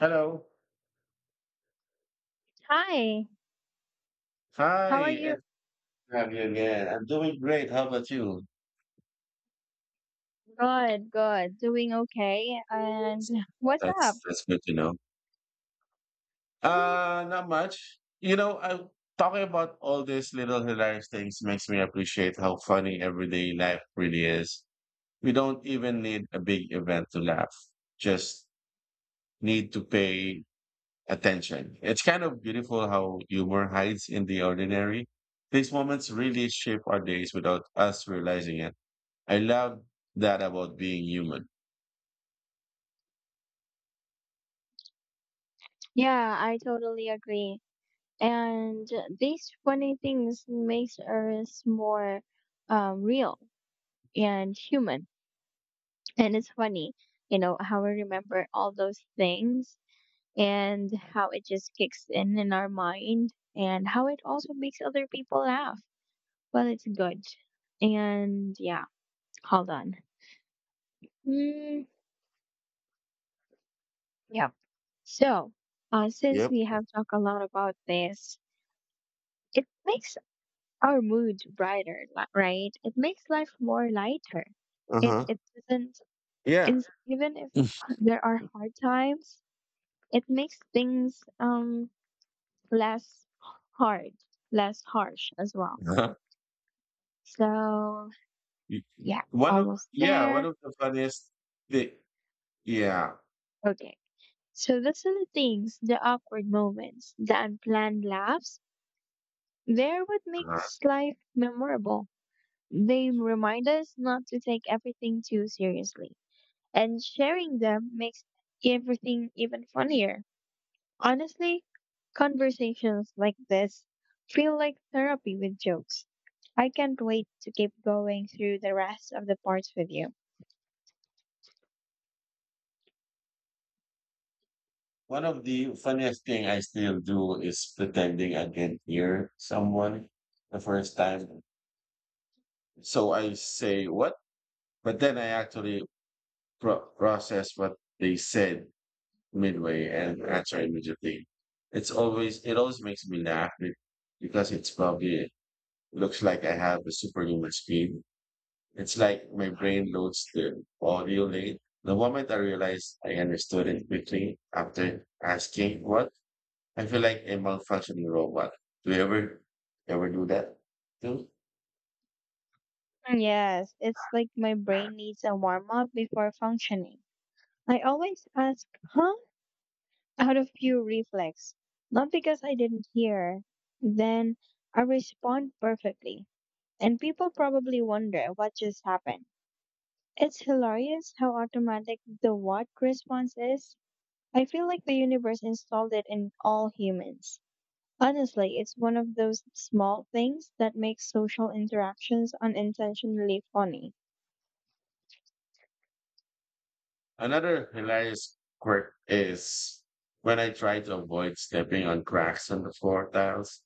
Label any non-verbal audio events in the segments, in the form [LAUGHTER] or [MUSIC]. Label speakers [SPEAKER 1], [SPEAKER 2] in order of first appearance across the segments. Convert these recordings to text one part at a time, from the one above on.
[SPEAKER 1] Hello.
[SPEAKER 2] Hi,
[SPEAKER 1] Hi,
[SPEAKER 2] how are you?
[SPEAKER 1] it's have you again. I'm doing great. How about you?
[SPEAKER 2] Good, good. Doing okay. And what's up?
[SPEAKER 1] That's good to know. Not much. I talking about all these little hilarious things makes me appreciate how funny everyday life really is. We don't even need a big event to laugh. Just need to pay attention. It's kind of beautiful how humor hides in the ordinary. These moments really shape our days without us realizing it. I love that about being human.
[SPEAKER 2] Yeah, I totally agree. And these funny things makes us more real and human. And it's funny, how we remember all those things and how it just kicks in our mind and how it also makes other people laugh. Well, it's good. And yeah, hold on. Mm, yeah. So, since
[SPEAKER 1] Yep.
[SPEAKER 2] we have talked a lot about this, it makes our mood brighter, right? It makes life more lighter.
[SPEAKER 1] Uh
[SPEAKER 2] It
[SPEAKER 1] huh.
[SPEAKER 2] it doesn't
[SPEAKER 1] Yeah.
[SPEAKER 2] is even if there are hard times, it makes things less hard, less harsh as well.
[SPEAKER 1] [LAUGHS]
[SPEAKER 2] So yeah,
[SPEAKER 1] One of
[SPEAKER 2] almost
[SPEAKER 1] Yeah, one
[SPEAKER 2] there.
[SPEAKER 1] of the funniest thing. Yeah.
[SPEAKER 2] Okay. So the silly things, the awkward moments, the unplanned laughs, they're what
[SPEAKER 1] Uh-huh.
[SPEAKER 2] makes life memorable. They remind us not to take everything too seriously, and sharing them makes everything even funnier. Honestly, conversations like this feel like therapy with jokes. I can't wait to keep going through the rest of the parts with you.
[SPEAKER 1] One of the funniest thing I still do is pretending I can hear someone the first time. So I say what, but then I actually process what they said midway and answer immediately. It always makes me laugh because it's probably looks like I have a superhuman speed. It's like my brain loads the audio late. The moment I realized I understood it quickly after asking what I feel like a malfunctioning robot. Do you ever do that too?
[SPEAKER 2] Yes, it's like my brain needs a warm up before functioning. I always ask, huh? Out of pure reflex, not because I didn't hear. Then I respond perfectly. And people probably wonder what just happened. It's hilarious how automatic the what response is. I feel like the universe installed it in all humans. Honestly, it's one of those small things that makes social interactions unintentionally funny.
[SPEAKER 1] Another hilarious quirk is when I try to avoid stepping on cracks on the floor tiles,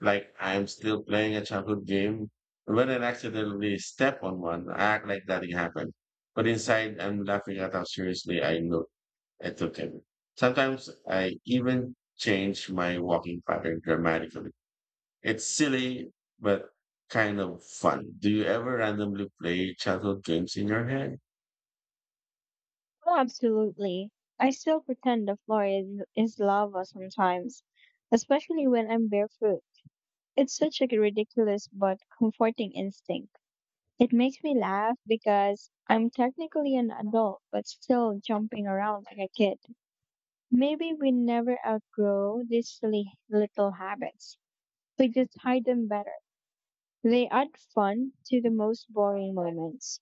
[SPEAKER 1] like I'm still playing a childhood game. When I accidentally step on one, I act like nothing happened. But inside, I'm laughing at how seriously I know I took it. Sometimes I even change my walking pattern dramatically. It's silly, but kind of fun. Do you ever randomly play childhood games in your head?
[SPEAKER 2] Oh, absolutely. I still pretend is lava sometimes, especially when I'm barefoot. It's such a ridiculous but comforting instinct. It makes me laugh because I'm technically an adult, but still jumping around like a kid. Maybe we never outgrow these silly little habits. We just hide them better. They add fun to the most boring moments.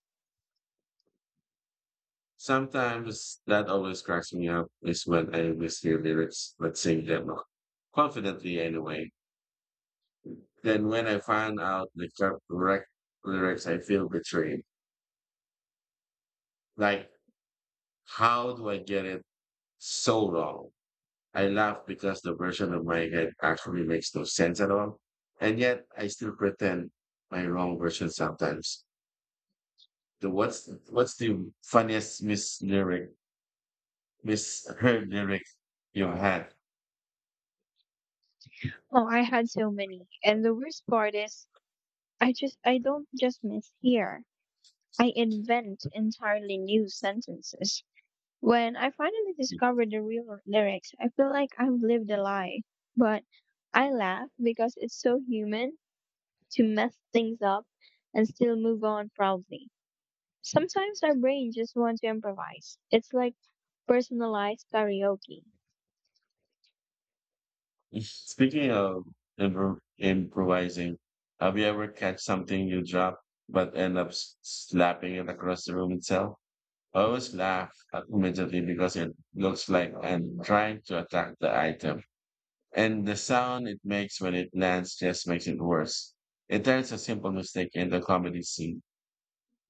[SPEAKER 1] Sometimes that always cracks me up is when I mishear lyrics, but sing them confidently anyway. Then when I find out the correct lyrics, I feel betrayed. Like, how do I get it so wrong? I laugh because the version of my head actually makes no sense at all. And yet I still pretend my wrong version sometimes. The what's the funniest misheard lyric you had?
[SPEAKER 2] Oh, I had so many. And the worst part is, I don't just mishear. I invent entirely new sentences. When I finally discovered the lyrics, I feel like I've lived a lie. But I laugh because it's so human to mess things up and still move on proudly. Sometimes our brain just wants to improvise. It's like personalized karaoke.
[SPEAKER 1] Speaking of improvising, have you ever catch something you drop but end up slapping it across the room itself? I always laugh immediately because it looks like I'm trying to attack the item, and the sound it makes when it lands just makes it worse. It turns a simple mistake into a comedy scene.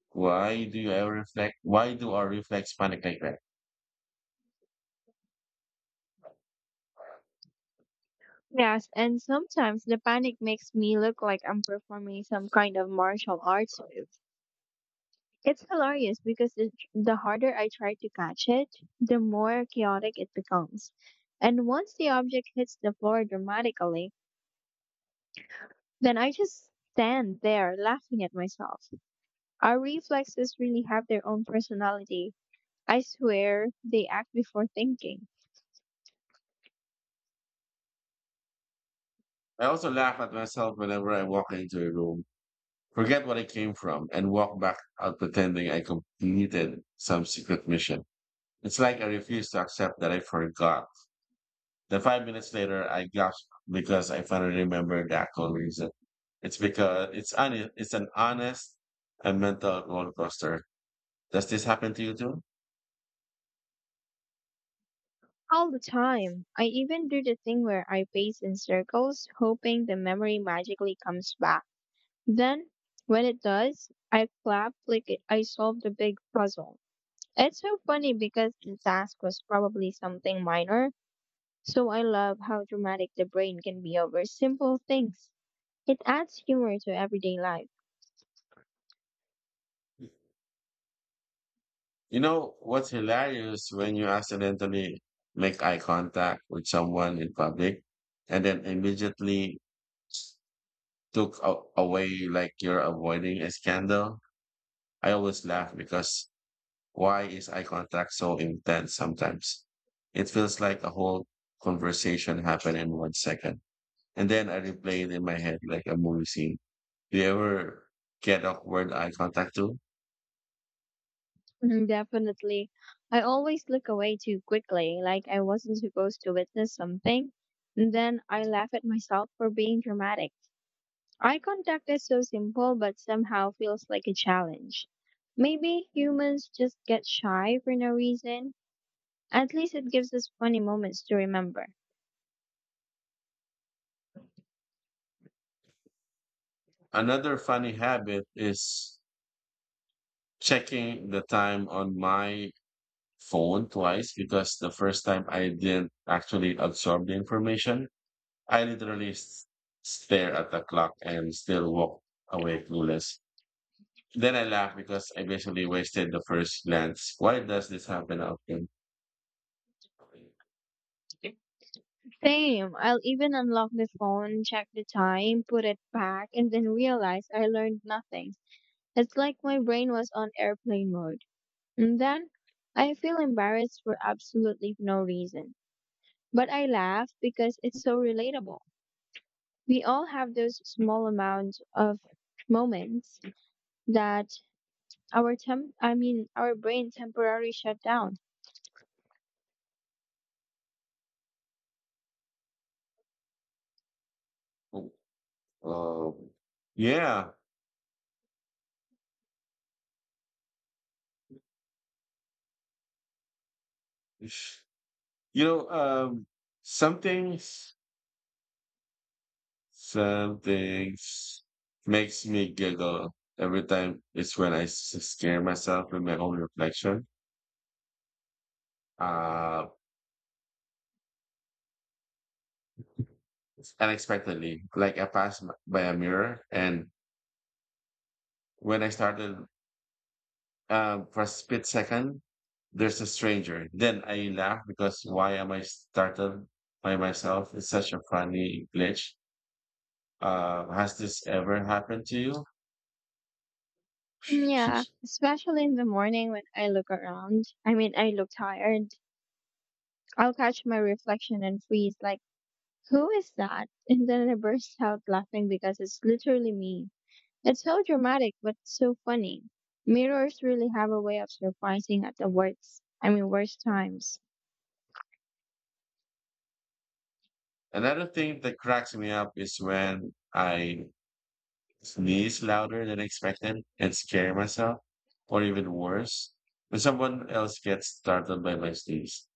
[SPEAKER 1] Why do you ever reflect? Why do our reflex panic like that?
[SPEAKER 2] Yes, and sometimes the panic makes me look like I'm performing some kind of martial arts move. It's hilarious because the harder I try to catch it, the more chaotic it becomes. And once the object hits the floor dramatically, then I just stand there laughing at myself. Our reflexes really have their own personality. I swear they act before thinking.
[SPEAKER 1] I also laugh at myself whenever I walk into a room, forget what I came from, and walk back out pretending I completed some secret mission. It's like I refuse to accept that I forgot. Then 5 minutes later, I gasp because I finally remembered the actual reason. It's because it's an honest and mental roller coaster. Does this happen to you too?
[SPEAKER 2] All the time. I even do the thing where I pace in circles, hoping the memory magically comes back. Then, when it does, I clap like I solved a big puzzle. It's so funny because the task was probably something minor, so I love how dramatic the brain can be over simple things. It adds humor to everyday life.
[SPEAKER 1] You know what's hilarious when you accidentally make eye contact with someone in public and then immediately took away like you're avoiding a scandal. I always laugh because why is eye contact so intense sometimes? It feels like a whole conversation happened in 1 second. And then I replay it in my head like a movie scene. Do you ever get awkward eye contact too?
[SPEAKER 2] Mm, definitely. I always look away too quickly, like I wasn't supposed to witness something, and then I laugh at myself for being dramatic. Eye contact is so simple, but somehow feels like a challenge. Maybe humans just get shy for no reason. At least it gives us funny moments to remember.
[SPEAKER 1] Another funny habit is checking the time on my phone twice because the first time I didn't actually absorb the information. I literally stare at the clock and still walk away clueless. Then I laugh because I basically wasted the first glance. Why does this happen often?
[SPEAKER 2] Same. I'll even unlock the phone, check the time, put it back, and then realize I learned nothing. It's like my brain was on airplane mode. And then I feel embarrassed for absolutely no reason. But I laugh because it's so relatable. We all have those small amounts of moments that our temp I mean our brain temporarily shut down.
[SPEAKER 1] Um, yeah. You know, um, something. Some things makes me giggle every time. It's when I scare myself with my own reflection, uh, unexpectedly. Like I passed by a mirror, and when I started, for a split second, there's a stranger. Then I laugh because why am I startled by myself? It's such a funny glitch. Has this ever happened to you?
[SPEAKER 2] Mm, yeah,
[SPEAKER 1] [LAUGHS]
[SPEAKER 2] especially in the morning when I look around. I mean, I look tired. I'll catch my reflection and freeze like, "Who is that?" [LAUGHS] And then I burst out laughing because it's literally me. It's so dramatic but so funny. Mirrors really have a way of surprising at the worst times.
[SPEAKER 1] Another thing that cracks me up is when I sneeze louder than expected and scare myself, or even worse, when someone else gets startled by my sneeze.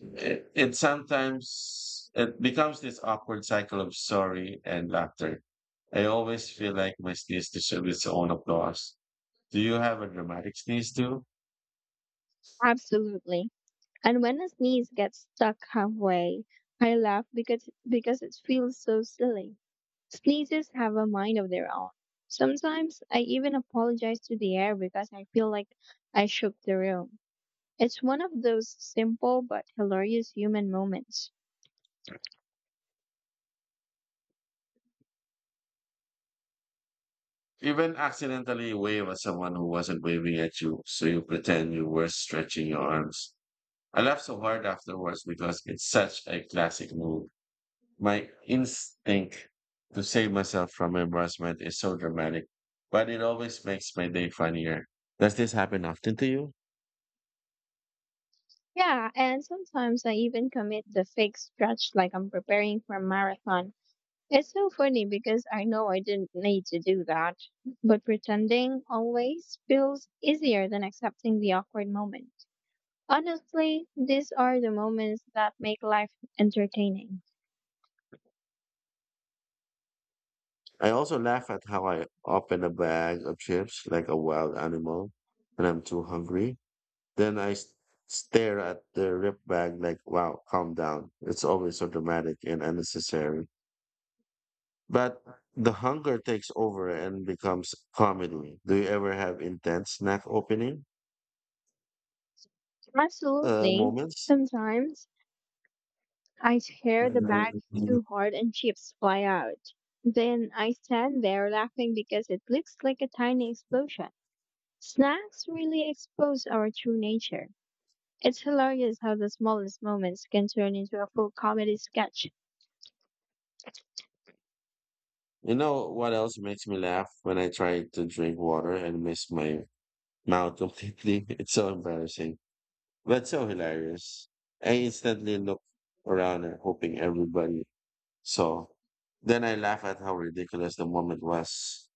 [SPEAKER 1] It sometimes it becomes this awkward cycle of sorry and laughter. I always feel like my sneeze deserves its own applause. Do you have a dramatic sneeze too?
[SPEAKER 2] Absolutely. And when a sneeze gets stuck halfway, I laugh because it feels so silly. Sneezes have a mind of their own. Sometimes I even apologize to the air because I feel like I shook the room. It's one of those simple but hilarious human moments.
[SPEAKER 1] Even accidentally wave at someone who wasn't waving at you, so you pretend you were stretching your arms. I laugh so hard afterwards because it's such a classic move. My instinct to save myself from embarrassment is so dramatic, but it always makes my day funnier. Does this happen often to you?
[SPEAKER 2] Yeah, and sometimes I even commit the fake stretch like I'm preparing for a marathon. It's so funny because I know I didn't need to do that, but pretending always feels easier than accepting the awkward moment. Honestly, these are the moments that make life entertaining.
[SPEAKER 1] I also laugh at how I open a bag of chips like a wild animal when I'm too hungry. Then I stare at the rip bag like, wow, calm down. It's always so dramatic and unnecessary. But the hunger takes over and becomes comedy. Do you ever have intense snack opening
[SPEAKER 2] Absolutely.
[SPEAKER 1] moments?
[SPEAKER 2] Sometimes I tear the bag too hard and chips fly out. Then I stand there laughing because it looks like a tiny explosion. Snacks really expose our true nature. It's hilarious how the smallest moments can turn into a full comedy sketch.
[SPEAKER 1] You know what else makes me laugh when I try to drink water and miss my mouth completely? [LAUGHS] It's so embarrassing, but so hilarious. I instantly look around and hoping everybody saw. Then I laugh at how ridiculous the moment was.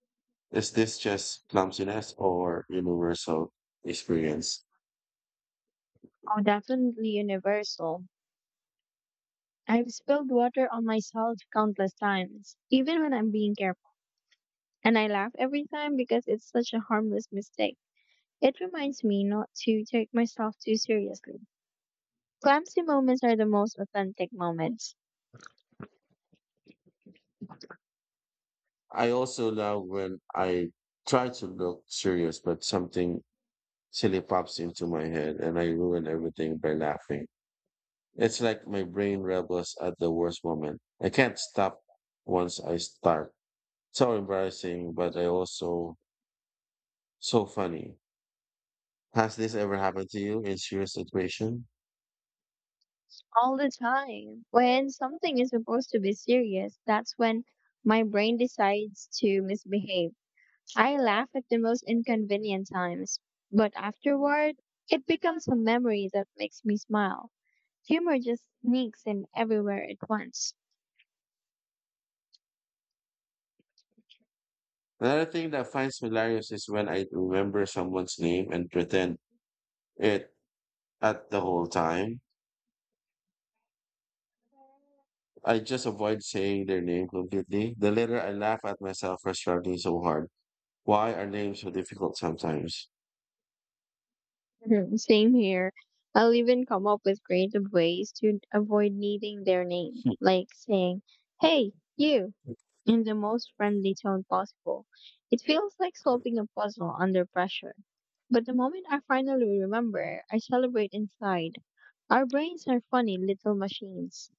[SPEAKER 1] Is this just clumsiness or universal experience?
[SPEAKER 2] Oh, definitely universal. I've spilled water on myself countless times, even when I'm being careful. And I laugh every time because it's such a harmless mistake. It reminds me not to take myself too seriously. Clumsy moments are the most authentic moments.
[SPEAKER 1] I also love when I try to look serious, but something silly pops into my head and I ruin everything by laughing. It's like my brain rebels at the worst moment. I can't stop once I start. So embarrassing, but I also so funny. Has this ever happened to you in serious situation?
[SPEAKER 2] All the time. When something is supposed to be serious, that's when my brain decides to misbehave. I laugh at the most inconvenient times, but afterward, it becomes a memory that makes me smile. Humor just sneaks in everywhere at once.
[SPEAKER 1] Another thing that finds me hilarious is when I remember someone's name and pretend it at the whole time. I just avoid saying their name completely. The later I laugh at myself for struggling so hard. Why are names so difficult sometimes?
[SPEAKER 2] Mhm. Same here. I'll even come up with creative ways to avoid needing their name, like saying, "Hey, you," in the most friendly tone possible. It feels like solving a puzzle under pressure. But the moment I finally remember, I celebrate inside. Our brains are funny little machines.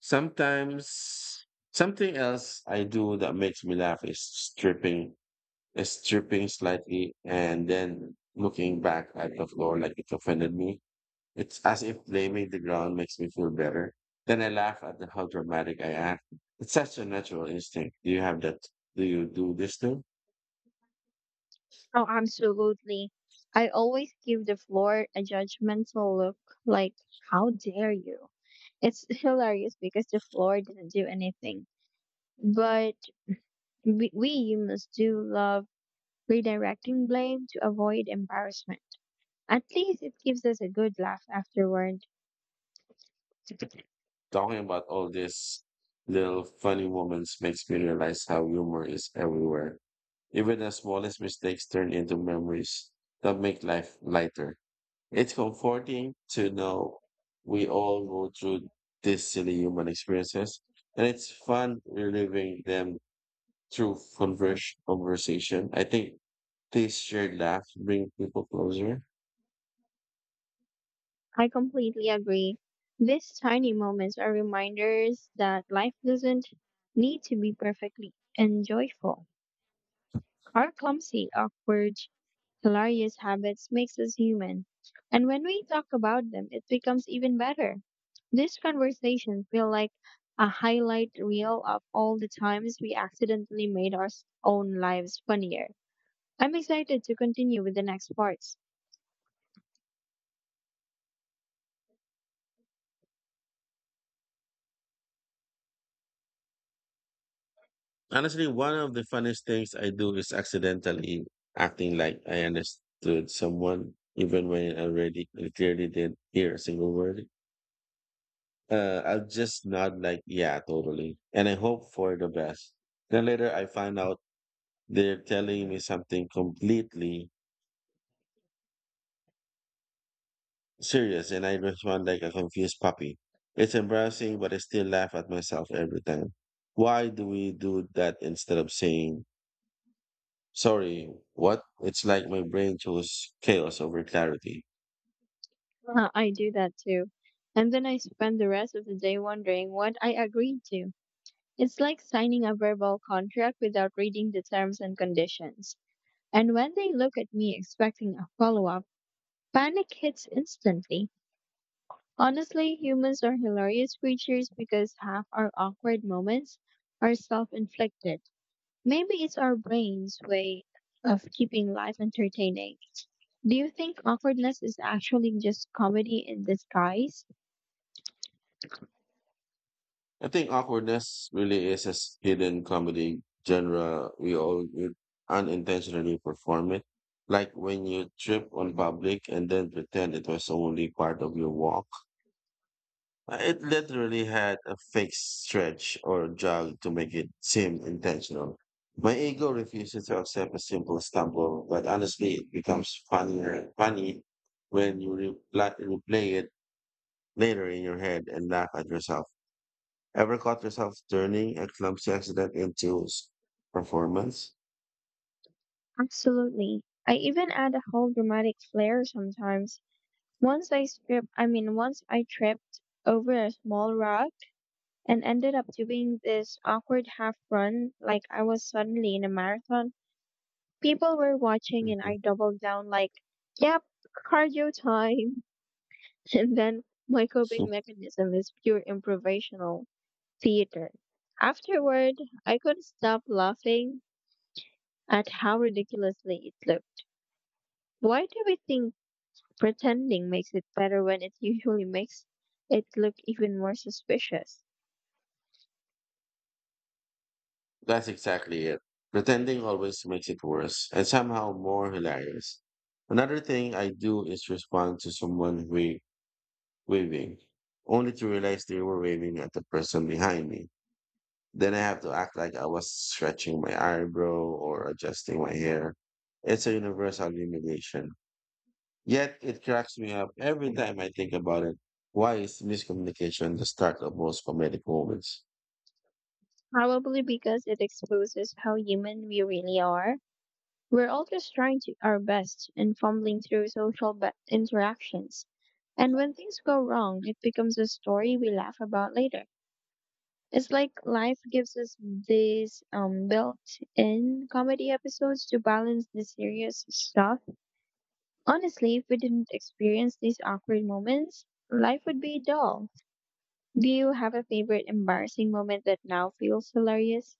[SPEAKER 1] Sometimes something else I do that makes me laugh is stripping, slightly and then looking back at the floor like it offended me. It's as if blaming the ground makes me feel better. Then I laugh at the, how dramatic I act. It's such a natural instinct. Do you have that? Do you do this too?
[SPEAKER 2] Oh, absolutely. I always give the floor a judgmental look, like, how dare you? It's [LAUGHS] hilarious because the floor didn't do anything. But we humans do love redirecting blame to avoid embarrassment. At least it gives us a good laugh afterward.
[SPEAKER 1] Talking about all these little funny moments makes me realize how humor is everywhere. Even the smallest mistakes turn into memories that make life lighter. It's comforting to know we all go through these silly human experiences, and it's fun reliving them through conversation. I think these shared laughs bring people closer.
[SPEAKER 2] I completely agree. These tiny moments are reminders that life doesn't need to be perfectly and joyful or clumsy, awkward. Hilarious habits makes us human. And when we talk about them, it becomes even better. This conversation feel like a highlight reel of all the times we accidentally made own lives funnier. I'm excited to continue with the next parts.
[SPEAKER 1] Honestly, one of the funniest things I do is accidentally acting like I understood someone, even when I clearly didn't hear a single word. I'll just nod like, yeah, totally. And I hope for the best. Then later I find out they're telling me something completely serious, and I respond like a confused puppy. It's embarrassing, but I still laugh at myself every time. Why do we do that instead of saying, sorry, what? It's like my brain chose chaos over clarity.
[SPEAKER 2] I do that too. And then I spend the rest of the day wondering what I agreed to. It's like signing a verbal contract without reading the terms and conditions. And when they look at me expecting a follow up, panic hits instantly. Honestly, humans are hilarious creatures because half our awkward moments are self inflicted. Maybe it's our brain's way of keeping life entertaining. Do you think awkwardness is actually just comedy in disguise?
[SPEAKER 1] I think awkwardness really is a hidden comedy genre. We unintentionally perform it. Like when you trip on public and then pretend it was only part of your walk. It literally had a fake stretch or jog to make it seem intentional. My ego refuses to accept a simple stumble, but honestly, it becomes funnier funny when you replay it later in your head and laugh at yourself. Ever caught yourself turning a clumsy accident into performance?
[SPEAKER 2] Absolutely. I even add a whole dramatic flair sometimes. Once I strip, I mean, Once I tripped over a small rock and ended up doing this awkward half run like I was suddenly in a marathon. People were watching and
[SPEAKER 1] Mhm.
[SPEAKER 2] I doubled down like, yep, cardio time. [LAUGHS] And then my coping mechanism is pure improvisational theater. Afterward, I couldn't stop laughing at how ridiculously it looked. Why do we think pretending makes it better when it usually makes it look even more suspicious?
[SPEAKER 1] That's exactly it. Pretending always makes it worse and somehow more hilarious. Another thing I do is respond to someone who waving, only to realize they were waving at the person behind me. Then I have to act like I was stretching my eyebrow or adjusting my hair. It's a universal humiliation. Yet it cracks me up every time I think about it. Why is miscommunication the start of most comedic moments?
[SPEAKER 2] Probably because it exposes how human we really are. We're all just trying to our best and fumbling through interactions. And when things go wrong, it becomes a story we laugh about later. It's like life gives us these built in comedy episodes to balance the serious stuff. Honestly, if we didn't experience these awkward moments, life would be dull. Do you have a favorite embarrassing moment that now feels hilarious?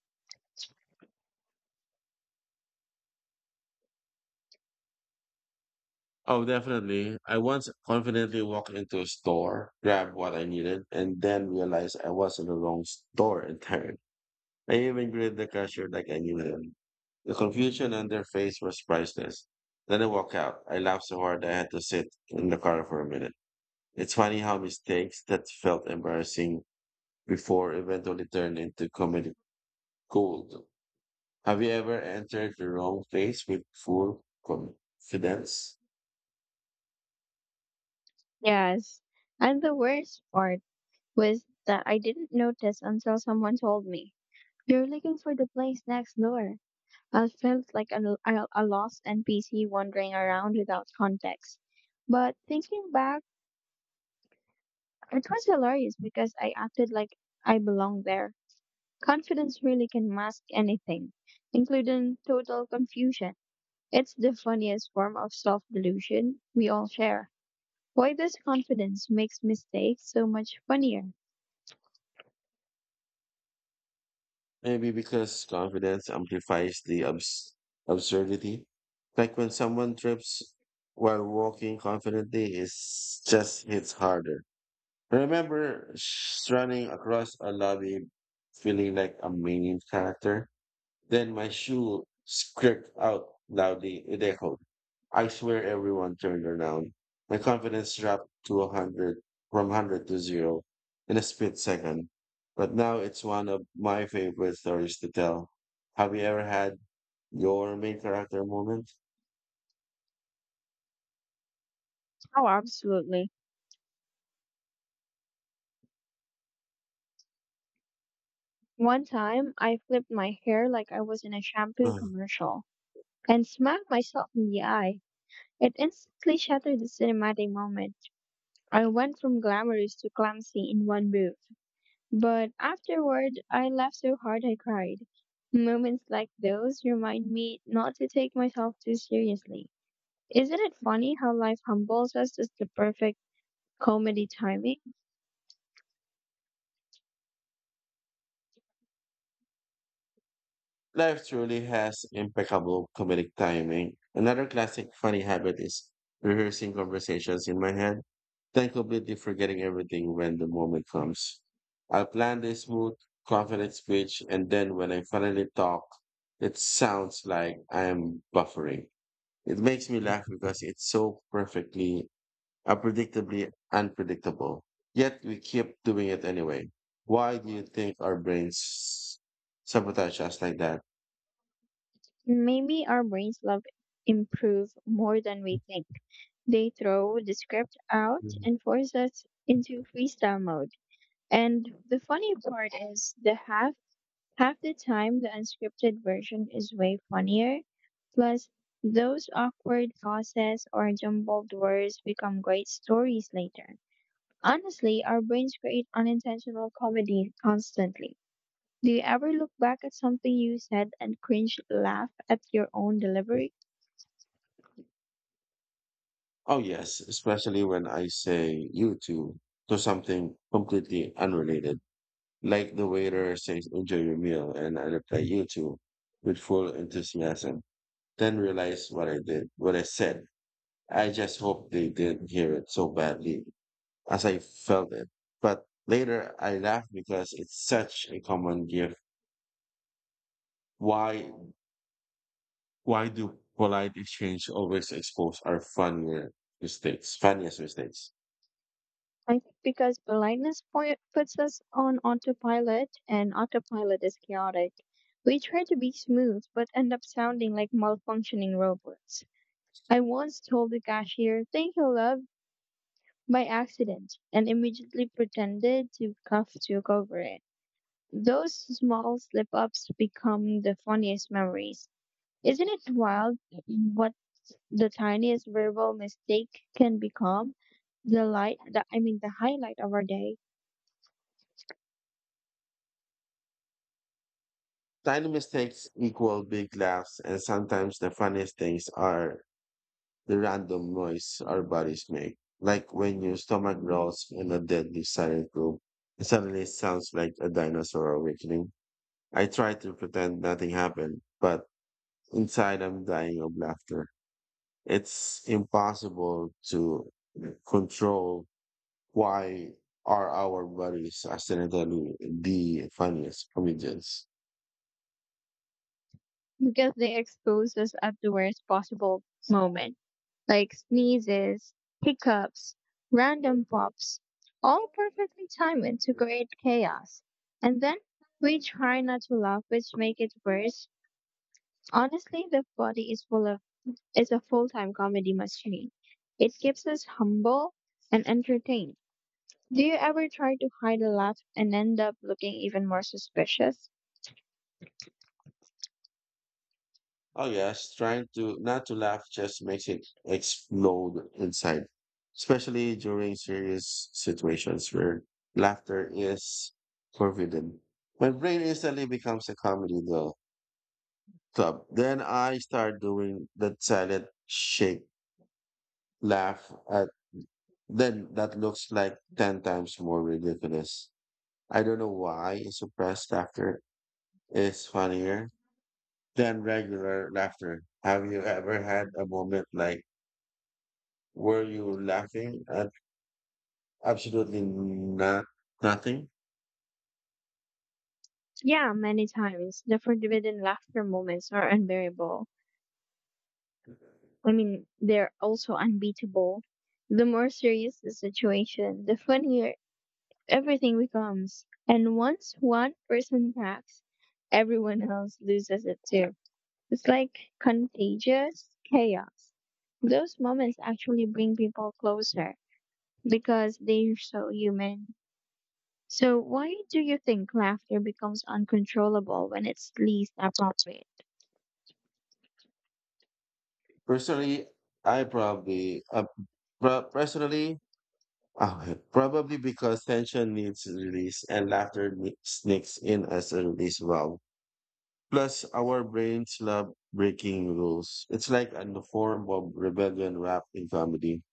[SPEAKER 1] Oh, definitely. I once confidently walked into a store, grabbed what I needed, and then realized I was in the wrong store entirely. I even greeted the cashier like I knew him. The confusion on their face was priceless. Then I walked out. I laughed so hard I had to sit in the car for a minute. It's funny how mistakes that felt embarrassing before eventually turned into comedy gold. Have you ever entered the wrong place with full confidence?
[SPEAKER 2] Yes. And the worst part was that I didn't notice until someone told me. You're looking for the place next door. I felt like a lost NPC wandering around without context. But thinking back, it was hilarious because I acted like I belonged there. Confidence really can mask anything, including total confusion. It's the funniest form of self delusion we all share. Why does confidence makes mistakes so much funnier?
[SPEAKER 1] Maybe because confidence amplifies the absurdity. Like when someone trips while walking confidently, it just hits harder. I remember running across a lobby feeling like a main character. Then my shoe scraped out loudly. It echoed. I swear everyone turned around. My confidence dropped to a hundred, from 100 to zero in a split second. But now it's one of my favorite stories to tell. Have you ever had your main character moment?
[SPEAKER 2] Oh, absolutely. One time, I flipped my hair like I was in a shampoo
[SPEAKER 1] Mm.
[SPEAKER 2] commercial and smacked myself in the eye. It instantly shattered the cinematic moment. I went from glamorous to clumsy in one move. But afterward, I laughed so hard I cried. Moments like those remind me not to take myself too seriously. Isn't it funny how life humbles us as the perfect comedy timing?
[SPEAKER 1] Life truly has impeccable comedic timing. Another classic funny habit is rehearsing conversations in my head, then completely forgetting everything when the moment comes. I planned a smooth, confident speech, and then when I finally talk, it sounds like I am buffering. It makes me laugh because it's so perfectly, unpredictably unpredictable. Yet we keep doing it anyway. Why do you think our brains sabotage us like that?
[SPEAKER 2] Maybe our brains love improve more than we think. They throw the script out
[SPEAKER 1] Mhm.
[SPEAKER 2] and force us into freestyle mode. And the funny part is the half half the time the unscripted version is way funnier. Plus those awkward pauses or jumbled words become great stories later. Honestly, our brains create unintentional comedy constantly. Do you ever look back at something you said and cringe laugh at your own delivery?
[SPEAKER 1] Oh, yes, especially when I say you too to something completely unrelated. Like the waiter says, enjoy your meal, and I reply, you too, with full enthusiasm. Then realize what I did, what I said. I just hope they didn't hear it so badly as I felt it. But later I laughed because it's such a common gift. Why, why do polite exchange always expose our funniest mistakes?
[SPEAKER 2] I think because blindness point puts us on autopilot and autopilot is chaotic. We try to be smooth but end up sounding like malfunctioning robots. I once told the cashier, "Thank you, love," by accident and immediately pretended to cough to cover it. Those small slip ups become the funniest memories. Isn't it wild what the tiniest verbal mistake can become? The light, the, I mean, The highlight of our day.
[SPEAKER 1] Tiny mistakes equal big laughs, and sometimes the funniest things are the random noise our bodies make, like when your stomach growls in a deadly silent room. It suddenly sounds like a dinosaur awakening. I try to pretend nothing happened, but inside I'm dying of laughter. It's impossible to control why are our bodies accidentally the funniest comedians.
[SPEAKER 2] Because they expose us at the worst possible moment, like sneezes, hiccups, random pops, all perfectly timed to create chaos. And then we try not to laugh, which make it worse. Honestly, the body is full of is a full time comedy machine. It keeps us humble and entertained. Do you ever try to hide a laugh and end up looking even more suspicious?
[SPEAKER 1] Oh yes, trying to not to laugh just makes it explode inside, especially during serious situations where laughter is forbidden. My brain instantly becomes a comedy though club. Then I start doing that silent shake laugh at then that looks like 10 times more ridiculous. I don't know why suppressed laughter is funnier than regular laughter. Have you ever had a moment like were you laughing at absolutely not nothing?
[SPEAKER 2] Yeah, many times. The forbidden laughter moments are They're also unbeatable. The more serious the situation, the funnier everything becomes. And once one person cracks, everyone else loses it too. It's like contagious chaos. Those moments actually bring people closer because they're so human. So, why do you think laughter becomes uncontrollable when it's least appropriate?
[SPEAKER 1] Personally, I probably personally probably because tension needs release and laughter sneaks in as a release valve. Plus, our brains love breaking rules. It's like a form of rebellion wrapped in comedy.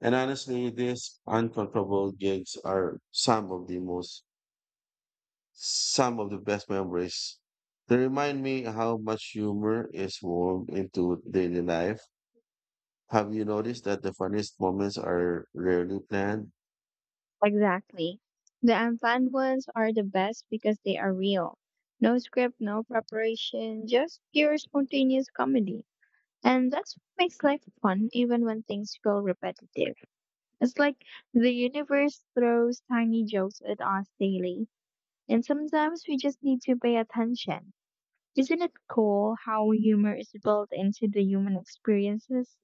[SPEAKER 1] And honestly, these uncomfortable gigs are some of the best memories. They remind me how much humor is woven into daily life. Have you noticed that the funniest moments are rarely planned?
[SPEAKER 2] Exactly. The unplanned ones are the best because they are real. No script, no preparation, just pure spontaneous comedy. And that's what makes life fun even when things feel repetitive. It's like the universe throws tiny jokes at us daily, and sometimes we just need to pay attention. Isn't it cool how humor is built into the human experiences?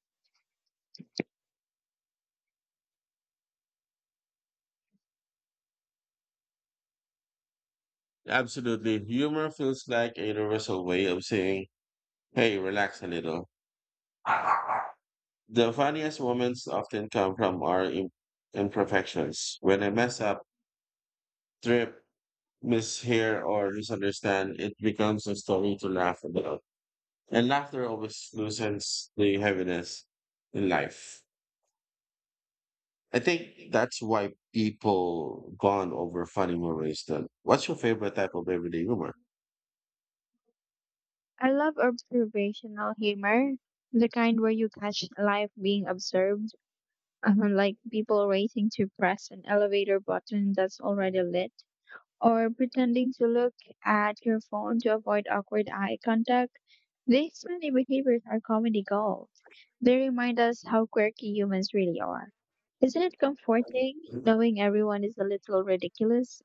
[SPEAKER 1] Absolutely. Humor feels like a universal way of saying, hey, relax a little. The funniest moments often come from our imperfections. When I mess up, trip, mishear, or misunderstand, it becomes a story to laugh about. And laughter always loosens the heaviness in life. I think that's why people bond over funny memories. Then, what's your favorite type of everyday humor?
[SPEAKER 2] I love observational humor, the kind where you catch life being observed like people racing to press an elevator button that's already lit, or pretending to look at your phone to avoid awkward eye contact. These funny behaviors are comedy gold. They remind us how quirky humans really are. Isn't it comforting knowing everyone is a little ridiculous?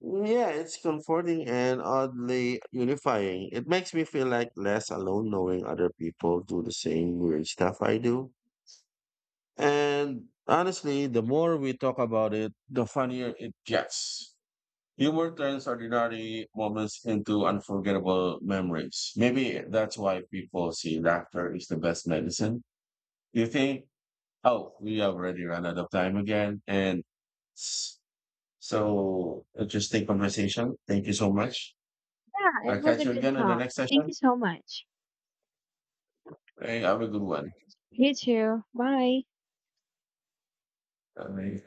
[SPEAKER 1] Yeah, it's comforting and oddly unifying. It makes me feel like less alone knowing other people do the same weird stuff I do. And honestly, the more we talk about it, the funnier it gets. Humor turns ordinary moments into unforgettable memories. Maybe that's why people see laughter is the best medicine. You think, oh, we have already run out of time again. And s- so, interesting conversation. Thank you so much.
[SPEAKER 2] Yeah, it
[SPEAKER 1] I'll
[SPEAKER 2] was
[SPEAKER 1] catch
[SPEAKER 2] a
[SPEAKER 1] you
[SPEAKER 2] good
[SPEAKER 1] again in the
[SPEAKER 2] talk.
[SPEAKER 1] next
[SPEAKER 2] Thank
[SPEAKER 1] session,
[SPEAKER 2] you so much.
[SPEAKER 1] and have a good one.
[SPEAKER 2] You too. Bye.
[SPEAKER 1] All right.